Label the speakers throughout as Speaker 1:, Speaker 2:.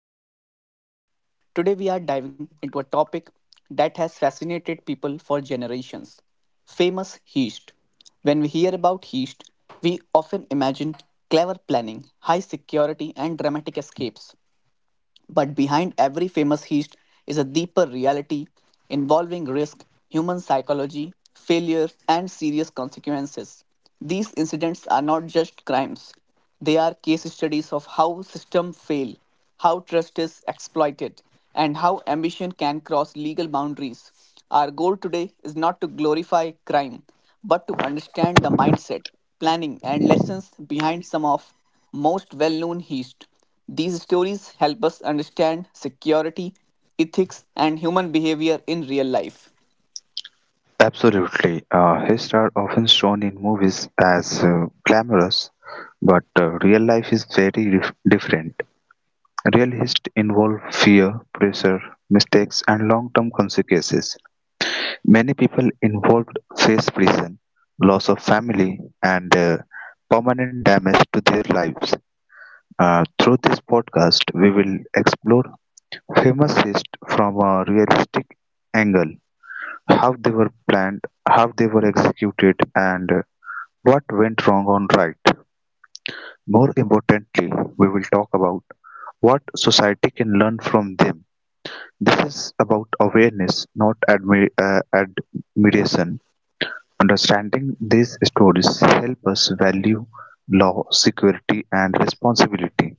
Speaker 1: Back to our podcast. Today, we are diving into a topic that has fascinated people for generations: famous heist. When we hear about heist, we often imagine clever planning, high security, and dramatic escapes. But behind every famous heist is a deeper reality involving risk, human psychology, failure, and serious consequences. These incidents are not just crimes, they are case studies of how systems fail, how trust is exploited, and how ambition can cross legal boundaries. Our goal today is not to glorify crime, but to understand the mindset, planning, and lessons behind some of most well-known heists. These stories help us understand security, ethics, and human behavior in real life.
Speaker 2: Absolutely. His star often shown in movies as glamorous, but real life is very different. Real history involve fear, pressure, mistakes, and long-term consequences. Many people involved face prison, loss of family, and permanent damage to their lives. Through this podcast, we will explore famous history from a realistic angle, how they were planned, how they were executed, and what went wrong and right. More importantly, we will talk about what society can learn from them. This is about awareness, not admiration. Understanding these stories help us value law, security, and responsibility.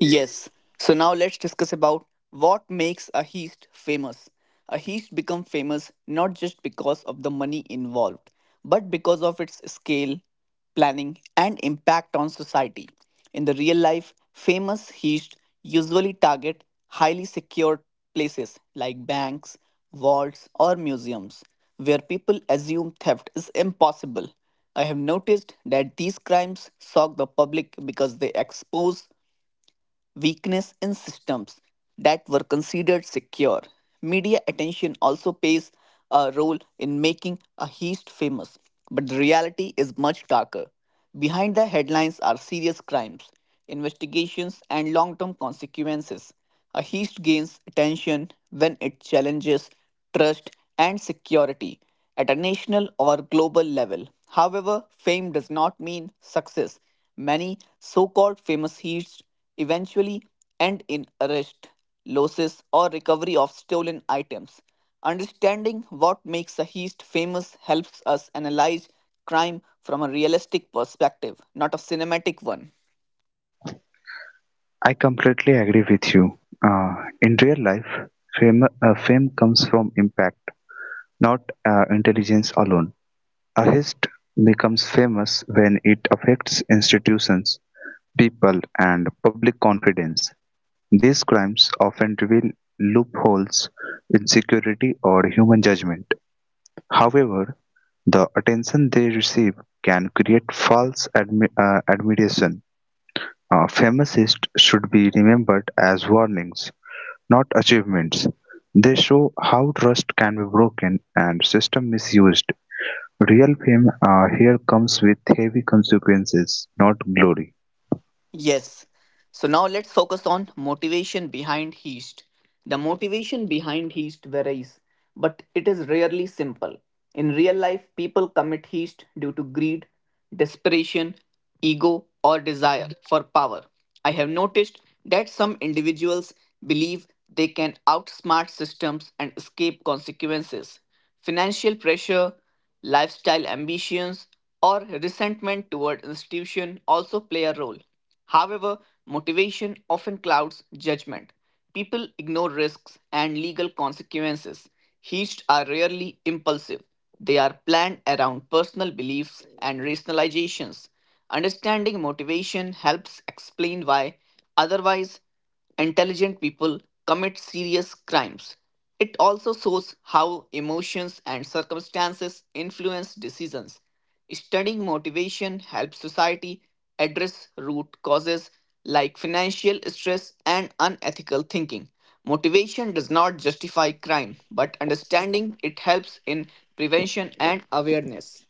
Speaker 1: Yes. So now let's discuss about what makes a heist famous. A heist become famous not just because of the money involved, but because of its scale, planning, and impact on society. In the real life, famous heists usually target highly secured places like banks, vaults, or museums, where people assume theft is impossible. I have noticed that these crimes shock the public because they expose weakness in systems that were considered secure. Media attention also plays a role in making a heist famous, but the reality is much darker. Behind the headlines are serious crimes, investigations, and long term consequences. A heist gains attention when it challenges trust and security at a national or global level. However, fame does not mean success. Many so called famous heists eventually end in arrest, losses, or recovery of stolen items. Understanding what makes a heist famous helps us analyze crime from a realistic perspective, not a cinematic one.
Speaker 2: I completely agree with you. Uh, in real life, fame comes from impact, not intelligence alone. A hist becomes famous when it affects institutions, people and public confidence. These crimes often reveal loopholes in security or human judgment. However, the attention they receive can create false admiration. Famousists should be remembered as warnings, not achievements. They show how trust can be broken and system misused. Real fame here comes with heavy consequences, not glory.
Speaker 1: Yes. So now let's focus on motivation behind Heist. The motivation behind Heist varies, but it is rarely simple. In real life, people commit Heist due to greed, desperation, ego, or desire for power. I have noticed that some individuals believe they can outsmart systems and escape consequences. Financial pressure, lifestyle ambitions, or resentment toward institution also play a role. However, motivation often clouds judgment. People ignore risks and legal consequences. Heists are rarely impulsive. They are planned around personal beliefs and rationalizations. Understanding motivation helps explain why, otherwise, intelligent people commit serious crimes. It also shows how emotions and circumstances influence decisions. Studying motivation helps society address root causes like financial stress and unethical thinking. Motivation does not justify crime, but understanding it helps in prevention and awareness.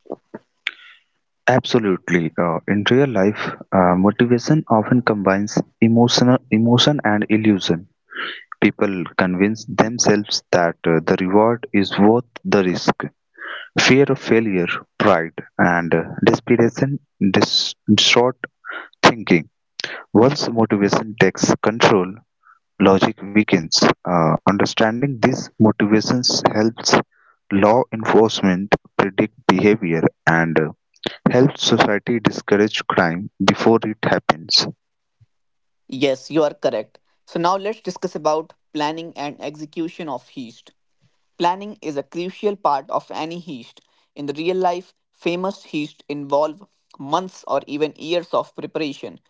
Speaker 2: Absolutely. In real life, motivation often combines emotional emotion and illusion. People convince themselves that the reward is worth the risk. Fear of failure, pride, and desperation distort thinking. Once motivation takes control, logic weakens. Understanding these motivations helps law enforcement predict behavior and helps society discourage crime before it happens.
Speaker 1: Yes, you are correct. So now let's discuss about planning and execution of heist. Planning is a crucial part of any heist. In the real life, famous heists involve months or even years of preparation.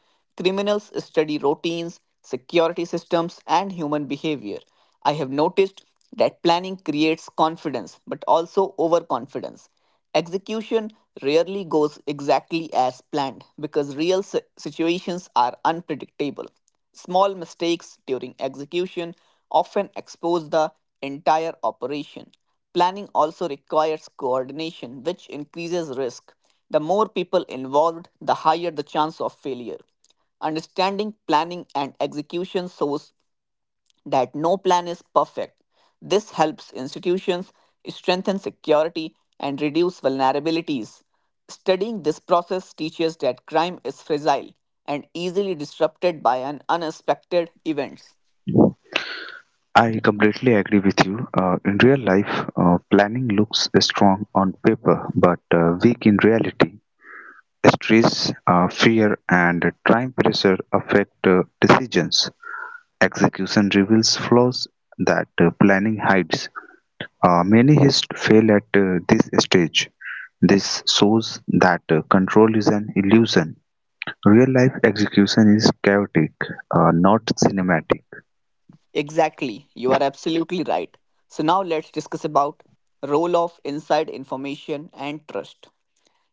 Speaker 1: Criminals study routines, security systems, and human behavior. I have noticed that planning creates confidence but also overconfidence. Execution rarely goes exactly as planned because situations are unpredictable. Small mistakes during execution often expose the entire operation. Planning also requires coordination, which increases risk. The more people involved, the higher the chance of failure. Understanding planning and execution shows that no plan is perfect. This helps institutions strengthen security and reduce vulnerabilities. Studying this process teaches that crime is fragile and easily disrupted by an unexpected events.
Speaker 2: I completely agree with you. In real life, planning looks strong on paper but weak in reality. Stress, fear, and time pressure affect decisions. Execution reveals flaws that planning hides. Many hist fail at this stage. This shows that control is an illusion. Real-life execution is chaotic, not cinematic.
Speaker 1: Exactly, you are absolutely right. So now let's discuss about role of inside information and trust.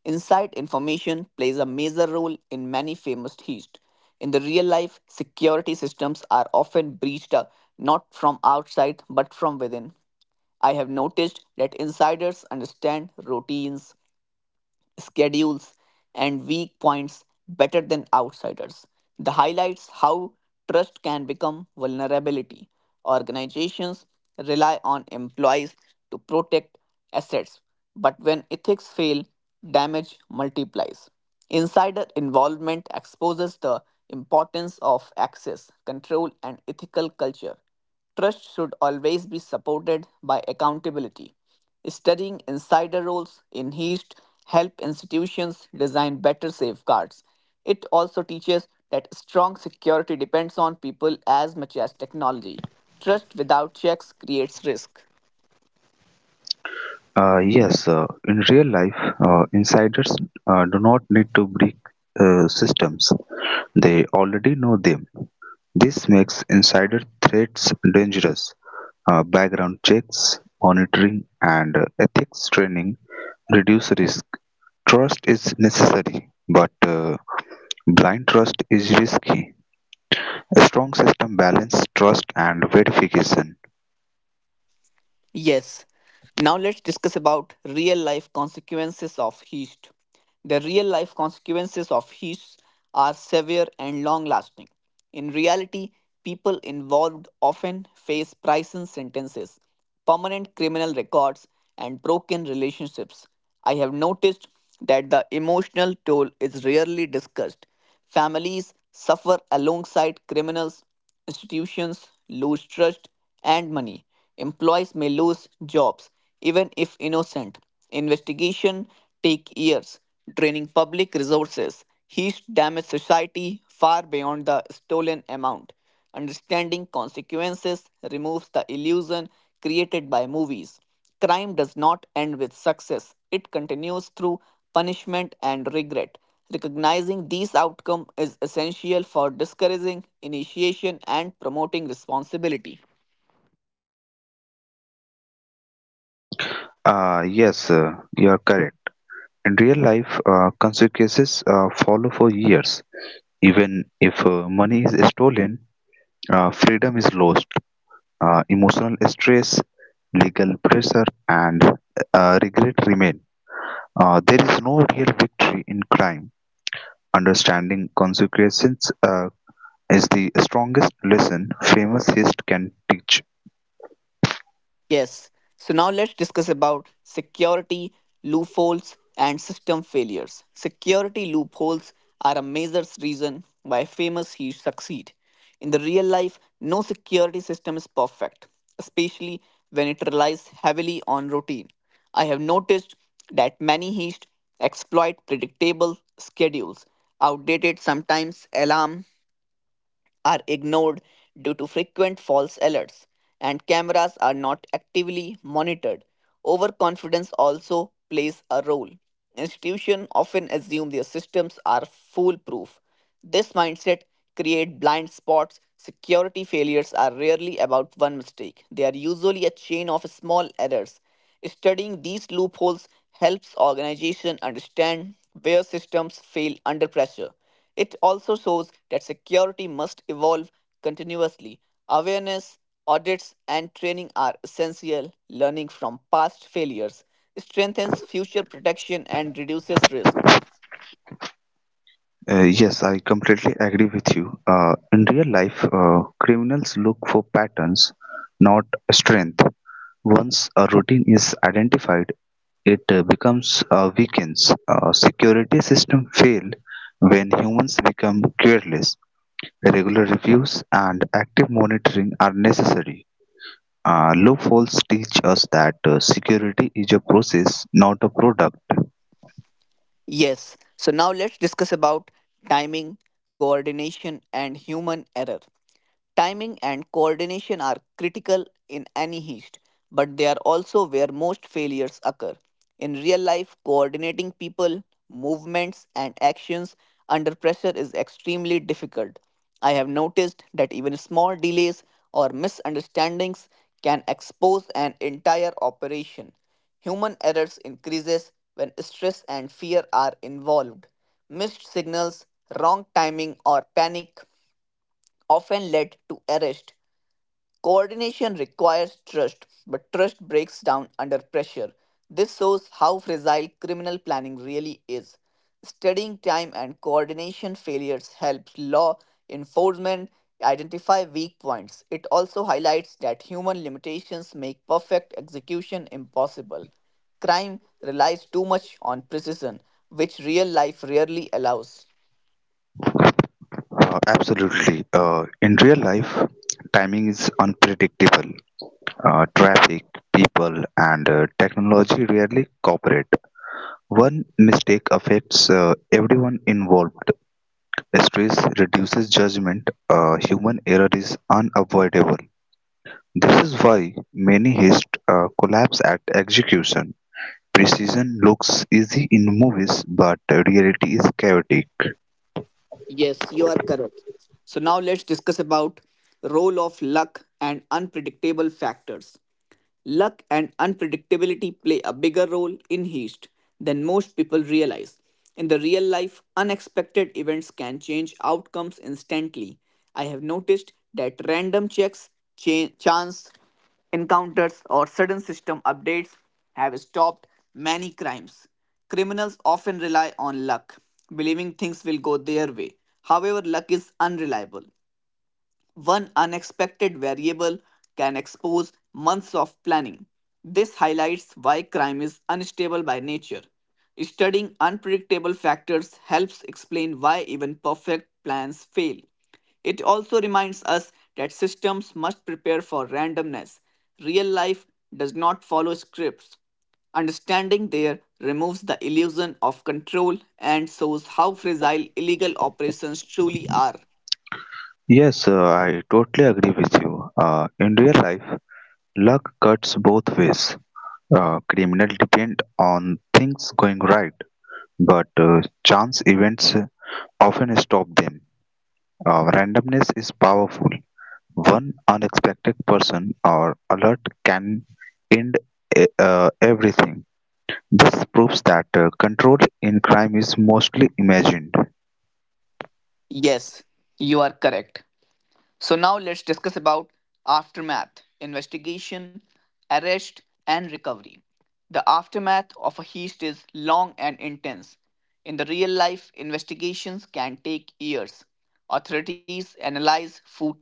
Speaker 1: Inside information plays a major role in many famous heists. In the real life, security systems are often breached, not from outside but from within. I have noticed that insiders understand routines, schedules, and weak points better than outsiders. The highlights how trust can become vulnerability. Organizations rely on employees to protect assets, but when ethics fail, damage multiplies. Insider involvement exposes the importance of access, control, and ethical culture. Trust should always be supported by accountability. Studying insider roles in HEAST help institutions design better safeguards. It also teaches that strong security depends on people as much as technology. Trust without checks creates risk.
Speaker 2: Yes, in real life, insiders do not need to break systems; they already know them. This makes insider threats dangerous. Background checks, monitoring, and ethics training reduce risk. Trust is necessary, but blind trust is risky. A strong system balances trust and verification.
Speaker 1: Yes. Now let's discuss about real life consequences of heat. The real life consequences of heat are severe and long lasting. In reality, people involved often face prison sentences, permanent criminal records, and broken relationships. I have noticed that the emotional toll is rarely discussed. Families suffer alongside criminals. Institutions lose trust and money. Employees may lose jobs, even if innocent. Investigation take years, draining public resources. Heist damage society far beyond the stolen amount. Understanding consequences removes the illusion created by movies. Crime does not end with success, it continues through punishment and regret. Recognizing these outcomes is essential for discouraging initiation and promoting responsibility.
Speaker 2: Yes, you are correct. In real life, consequences follow for years. Even if money is stolen, freedom is lost. Emotional stress, legal pressure, and regret remain. There is no real victory in crime. Understanding consequences is the strongest lesson famous history can teach.
Speaker 1: Yes. So now let's discuss about security loopholes and system failures. Security loopholes are a major reason why famous heroes succeed. In the real life, no security system is perfect, especially when it relies heavily on routine. I have noticed that many heist exploit predictable schedules, outdated sometimes alarm are ignored due to frequent false alerts, and cameras are not actively monitored. Overconfidence also plays a role. Institutions often assume their systems are foolproof. This mindset creates blind spots. Security failures are rarely about one mistake, they are usually a chain of small errors. Studying these loopholes helps organizations understand where systems fail under pressure. It also shows that security must evolve continuously. Awareness, audits, and training are essential. Learning from past failures strengthens future protection and reduces risk.
Speaker 2: Yes, I completely agree with you. In real life, criminals look for patterns, not strength. Once a routine is identified, it becomes a weakness. Security system fail when humans become careless. Regular reviews and active monitoring are necessary. Loopholes teach us that security is a process, not a product.
Speaker 1: Yes, so now let's discuss about timing, coordination, and human error. Timing and coordination are critical in any heist, but they are also where most failures occur. In real life, coordinating people, movements, and actions under pressure is extremely difficult. I have noticed that even small delays or misunderstandings can expose an entire operation. Human errors increases when stress and fear are involved. Missed signals, wrong timing, or panic often led to arrest. Coordination requires trust, but trust breaks down under pressure. This shows how fragile criminal planning really is. Studying time and coordination failures helps law enforcement identify weak points. It also highlights that human limitations make perfect execution impossible. Crime relies too much on precision, which real life rarely allows.
Speaker 2: Absolutely. In real life, timing is unpredictable. Traffic, people, and technology rarely cooperate. One mistake affects everyone involved. Stress reduces judgment. Human error is unavoidable. This is why many heist collapse at execution. Precision looks easy in movies, but reality is chaotic.
Speaker 1: Yes, you are correct. So now let's discuss about role of luck and unpredictable factors. Luck and unpredictability play a bigger role in Heist than most people realize. In the real life, unexpected events can change outcomes instantly. I have noticed that random checks, chance encounters, or sudden system updates have stopped many crimes. Criminals often rely on luck, believing things will go their way. However, luck is unreliable. One unexpected variable can expose months of planning. This highlights why crime is unstable by nature. Studying unpredictable factors helps explain why even perfect plans fail. It also reminds us that systems must prepare for randomness. Real life does not follow scripts. Understanding there removes the illusion of control and shows how fragile illegal operations truly are.
Speaker 2: Yes, I totally agree with you. In real life, luck cuts both ways: criminals depend on things going right, but chance events often stop them. Randomness is powerful. One unexpected person or alert can end everything. This proves that control in crime is mostly imagined.
Speaker 1: Yes, you are correct. So now let's discuss about aftermath, investigation, arrest, and recovery. The aftermath of a heist is long and intense. In the real life, investigations can take years. Authorities analyze footage.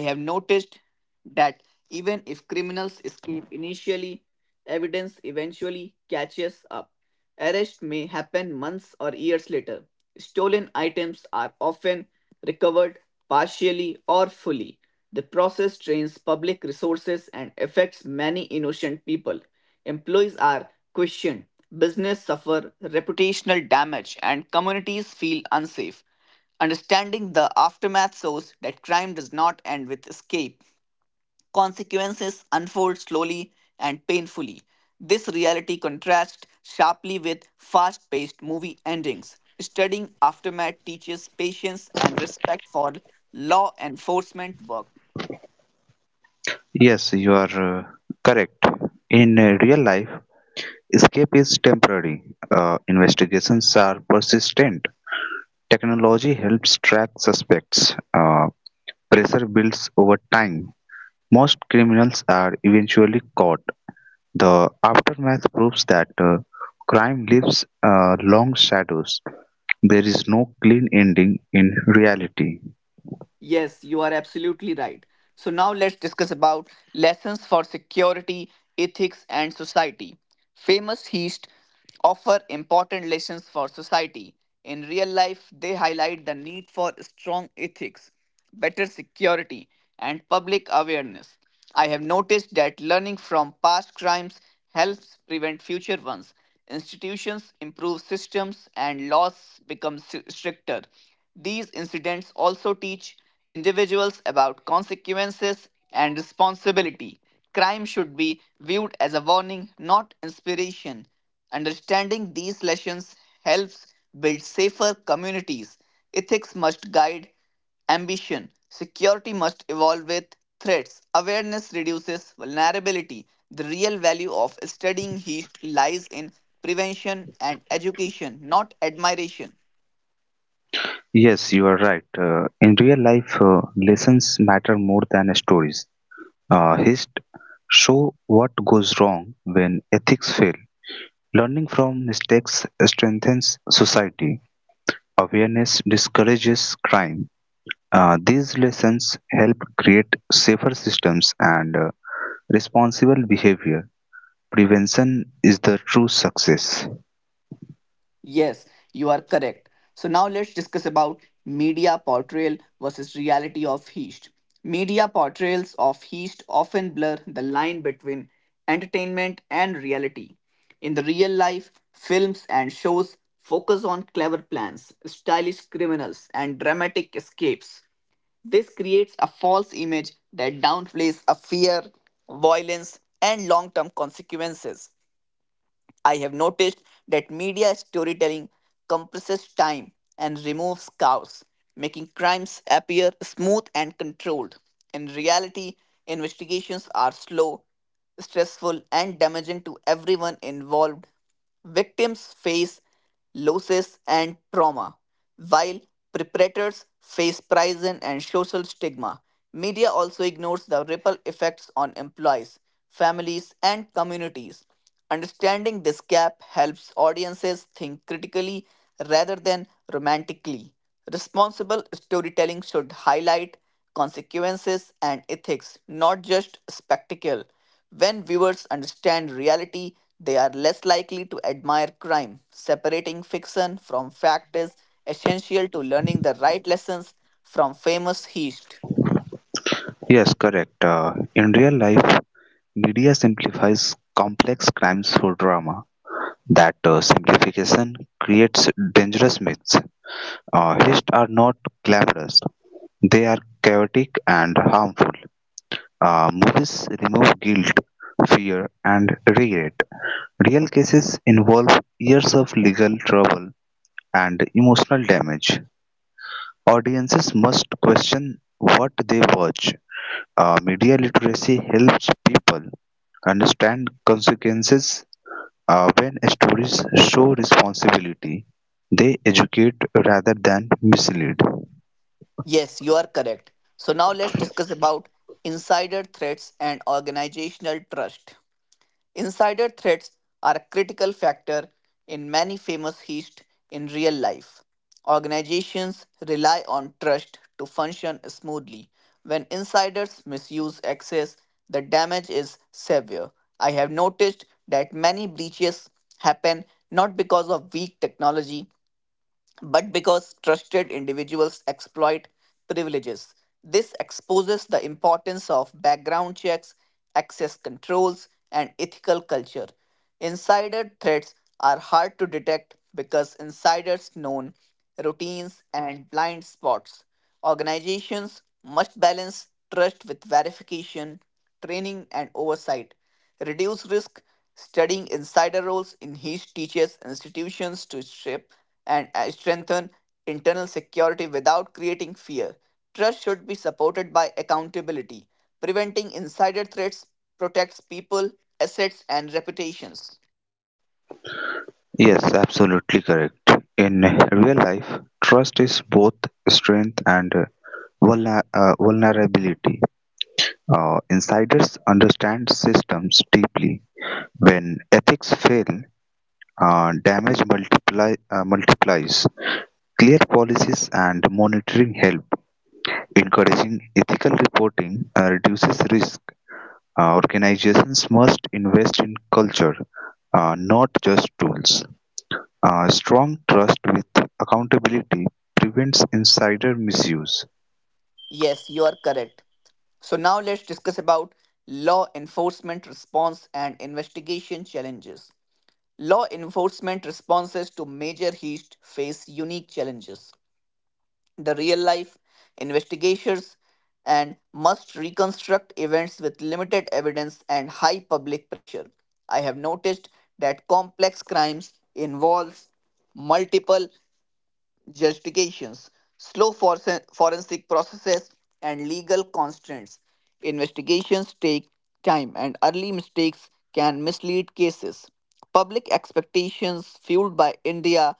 Speaker 1: I have noticed that even if criminals escape initially, evidence eventually catches up. Arrest may happen months or years later. Stolen items are often recovered partially or fully. The process drains public resources and affects many innocent people. Employees are questioned, business suffer reputational damage, and communities feel unsafe. Understanding the aftermath shows that crime does not end with escape. Consequences unfold slowly and painfully. This reality contrasts sharply with fast paced movie endings. Studying aftermath teaches patience and respect for law enforcement work.
Speaker 2: Yes, you are correct. In real life, escape is temporary, investigations are persistent. Technology helps track suspects. Uh, Pressure builds over time. Most criminals are eventually caught. The aftermath proves that crime leaves long shadows. There is no clean ending in reality.
Speaker 1: Yes, you are absolutely right. So now let's discuss about lessons for security, ethics and society. Famous heist offer important lessons for society. In real life, they highlight the need for strong ethics, better security and public awareness. I have noticed that learning from past crimes helps prevent future ones. Institutions improve systems and laws become stricter. These incidents also teach individuals about consequences and responsibility. Crime should be viewed as a warning, not inspiration. Understanding these lessons helps build safer communities. Ethics must guide ambition. Security must evolve with threats. Awareness reduces vulnerability. The real value of studying heat lies in prevention and education, not admiration.
Speaker 2: Yes, you are right. In real life, lessons matter more than stories. Hist show what goes wrong when ethics fail. Learning from mistakes strengthens society. Awareness discourages crime. These lessons help create safer systems and responsible behavior. Prevention is the true success.
Speaker 1: Yes, you are correct. So now let's discuss about media portrayal versus reality of Heist. Media portrayals of Heist often blur the line between entertainment and reality. In the real life, films and shows focus on clever plans, stylish criminals, and dramatic escapes. This creates a false image that downplays a fear, violence, and long term consequences. I have noticed that media storytelling compresses time and removes chaos, making crimes appear smooth and controlled. In reality, investigations are slow, stressful, and damaging to everyone involved. Victims face losses and trauma, while perpetrators face prison and social stigma. Media also ignores the ripple effects on employees, families, and communities. Understanding this gap helps audiences think critically rather than romantically. Responsible storytelling should highlight consequences and ethics, not just spectacle. When viewers understand reality, they are less likely to admire crime. Separating fiction from fact is essential to learning the right lessons from famous heist.
Speaker 2: Yes, correct. In real life, media simplifies complex crimes for drama. That simplification creates dangerous myths. Hists are not glamorous, they are chaotic and harmful. Movies remove guilt, fear, and regret. Real cases involve years of legal trouble and emotional damage. Audiences must question what they watch. Media literacy helps people understand consequences when stories show responsibility. They educate rather than mislead.
Speaker 1: Yes, you are correct. So now let's discuss about insider threats and organizational trust. Insider threats are a critical factor in many famous heists in real life. Organizations rely on trust to function smoothly. When insiders misuse access, the damage is severe. I have noticed that many breaches happen not because of weak technology but because trusted individuals exploit privileges. This exposes the importance of background checks, access controls, and ethical culture. Insider threats are hard to detect because insiders know routines and blind spots. Organizations must balance trust with verification, training, and oversight. Reduce risk studying insider roles in each teaches institutions to shape and strengthen internal security without creating fear. Trust should be supported by accountability. Preventing insider threats protects people, assets, and reputations.
Speaker 2: Yes, absolutely correct. In real life, trust is both strength and vulnerability. Insiders understand systems deeply. When ethics fail, uh, damage multiplies. Clear policies and monitoring help. Encouraging ethical reporting reduces risk. Organizations must invest in culture, not just tools. Strong trust with accountability prevents insider misuse.
Speaker 1: Yes, you are correct. So now let's discuss about law enforcement response and investigation challenges. Law enforcement responses to major heist face unique challenges. The real life investigators and must reconstruct events with limited evidence and high public pressure. I have noticed that complex crimes involves multiple justifications, slow forensic processes, and legal constraints. Investigations take time and early mistakes can mislead cases. Public expectations fueled by india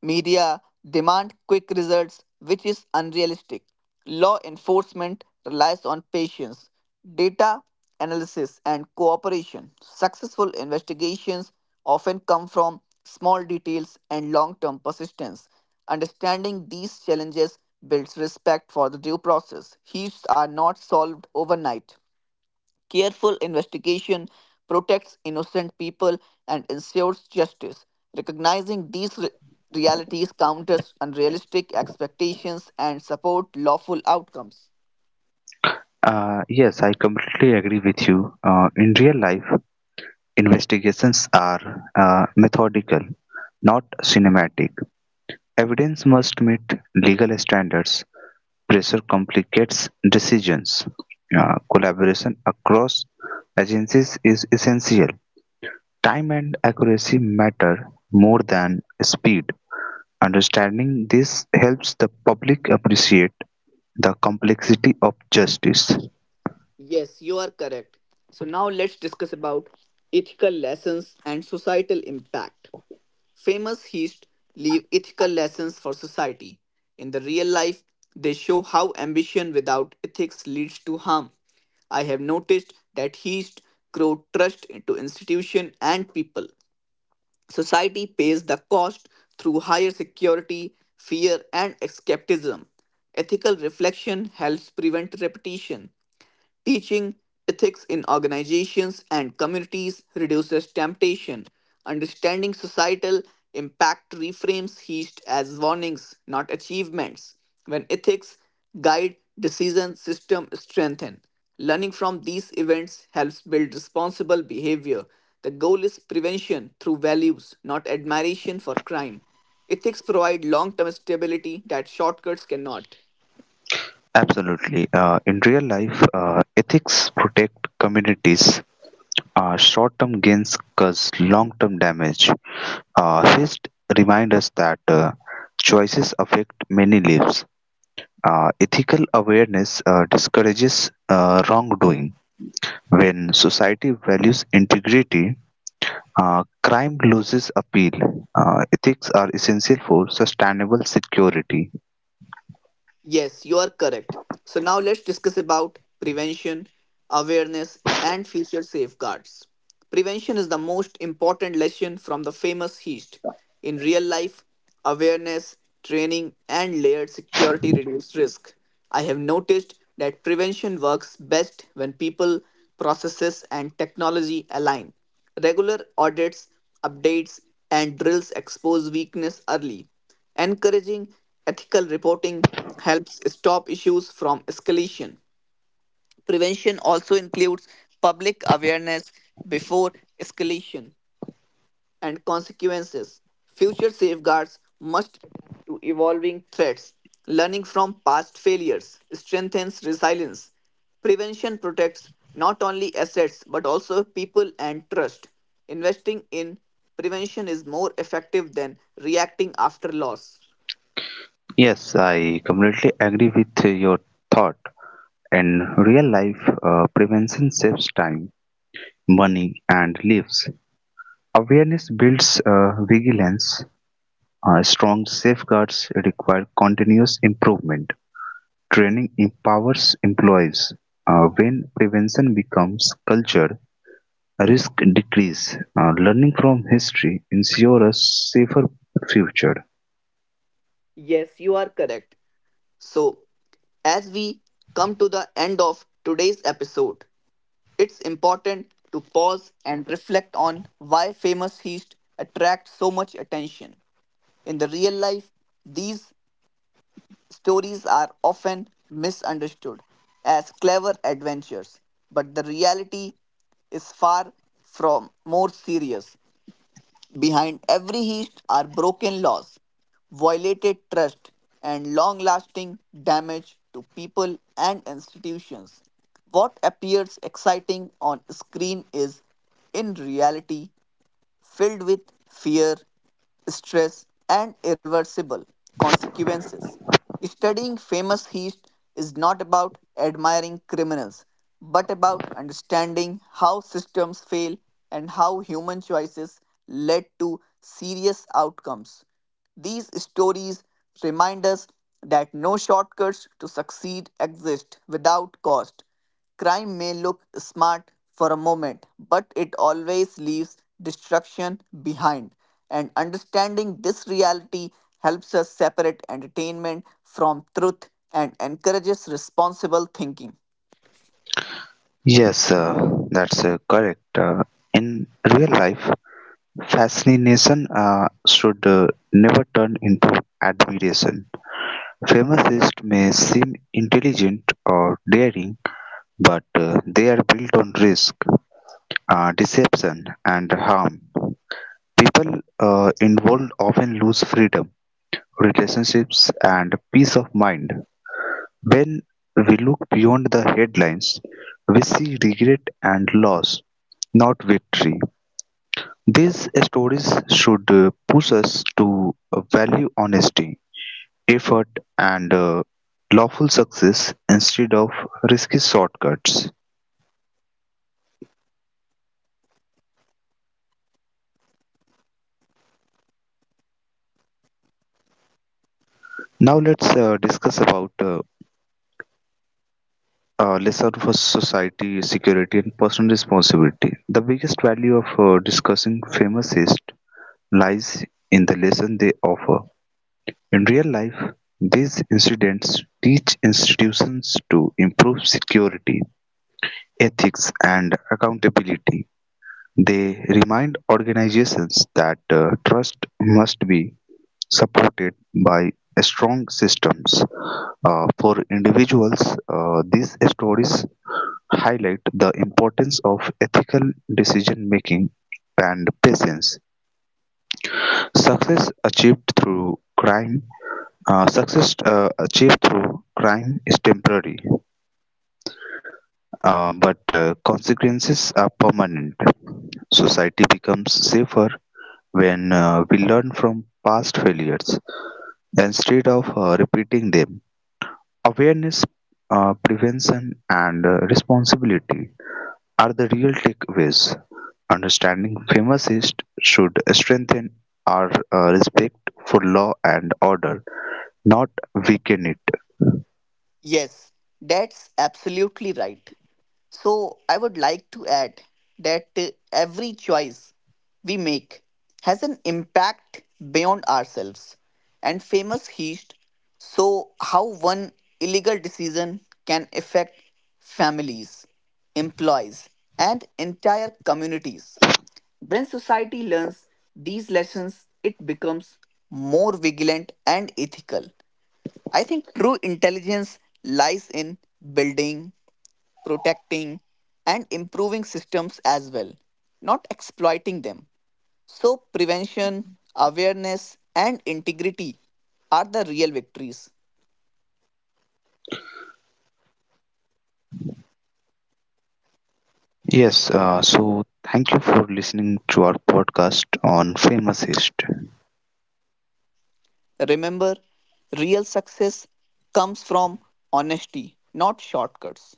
Speaker 1: media demand quick results, which is unrealistic. Law enforcement relies on patience, data analysis, and cooperation. Successful investigations often come from small details and long term persistence. Understanding these challenges builds respect for the due process. Heaps are not solved overnight. Careful investigation protects innocent people and ensures justice. Recognizing these realities counters unrealistic expectations and support lawful outcomes.
Speaker 2: Yes, I completely agree with you. In real life, investigations are methodical, not cinematic. Evidence must meet legal standards. Pressure complicates decisions. Collaboration across agencies is essential. Time and accuracy matter more than speed. Understanding this helps the public appreciate the complexity of justice.
Speaker 1: Yes, you are correct. So now let's discuss about ethical lessons and societal impact. Famous heists leave ethical lessons for society. In the real life, they show how ambition without ethics leads to harm. I have noticed that heists grow trust into institution and people. Society pays the cost through higher security, fear, and skepticism. Ethical reflection helps prevent repetition. Teaching ethics in organizations and communities reduces temptation. Understanding societal impact reframes heat as warnings, not achievements. When ethics guide decision system strengthen. Learning from these events helps build responsible behavior. The goal is prevention through values, not admiration for crime. Ethics provide long-term stability that shortcuts cannot.
Speaker 2: Absolutely. In real life, ethics protect communities. Short-term gains cause long-term damage. Hist reminds us that choices affect many lives. Ethical awareness discourages wrongdoing. When society values integrity, crime loses appeal. Ethics are essential for sustainable security.
Speaker 1: Yes, you are correct. So now let's discuss about prevention, awareness, and future safeguards. Prevention is the most important lesson from the famous heist. In real life, awareness, training, and layered security reduce risk. I have noticed that prevention works best when people, processes, and technology align. Regular audits, updates, and drills expose weakness early. Encouraging ethical reporting helps stop issues from escalation. Prevention also includes public awareness before escalation and consequences. Future safeguards must adapt to evolving threats. Learning from past failures strengthens resilience. Prevention protects not only assets but also people and trust. Investing in prevention is more effective than reacting after loss.
Speaker 2: Yes, I completely agree with your thought. In real life, prevention saves time, money, and lives. Awareness builds vigilance; strong safeguards require continuous improvement; training empowers employees. When prevention becomes culture, risk decrease. Learning from history ensures a safer future.
Speaker 1: Yes, you are correct. So, as we come to the end of today's episode, it's important to pause and reflect on why famous feasts attract so much attention. In the real life, these stories are often misunderstood as clever adventures, but the reality is far from more serious. Behind every hitch are broken laws, violated trust, and long lasting damage to people and institutions. What appears exciting on screen is, in reality, filled with fear, stress, and irreversible consequences. Studying famous heist is not about admiring criminals, but about understanding how systems fail and how human choices led to serious outcomes. These stories remind us that no shortcuts to succeed exist without cost. Crime may look smart for a moment, but it always leaves destruction behind. And understanding this reality helps us separate entertainment from truth and encourages responsible thinking.
Speaker 2: Yes, that's correct. In real life, fascination should never turn into admiration. Famous may seem intelligent or daring, but they are built on risk, deception, and harm. People involved often lose freedom, relationships, and peace of mind. When we look beyond the headlines, we see regret and loss, not victory. These stories should push us to value honesty, effort, and lawful success instead of risky shortcuts. Now let's discuss about lesson for society, security, and personal responsibility. The biggest value of discussing famousists lies in the lesson they offer. In real life, these incidents teach institutions to improve security, ethics, and accountability. They remind organizations that trust must be supported by strong systems. For individuals, these stories highlight the importance of ethical decision-making and patience. Success achieved through crime, success achieved through crime is temporary, but consequences are permanent. Society becomes safer when we learn from past failures instead of repeating them. Awareness, prevention, and responsibility are the real takeaways. Understanding physicists should strengthen our respect for law and order, not weaken it.
Speaker 1: Yes, that's absolutely right. So, I would like to add that every choice we make has an impact beyond ourselves. And famous heist so how one illegal decision can affect families, employees, and entire communities. When society learns these lessons, it becomes more vigilant and ethical. I think true intelligence lies in building, protecting, and improving systems as well, not exploiting them. So, prevention, awareness, and integrity are the real victories.
Speaker 2: Yes, so thank you for listening to our podcast on physicists.
Speaker 1: Remember, real success comes from honesty, not shortcuts.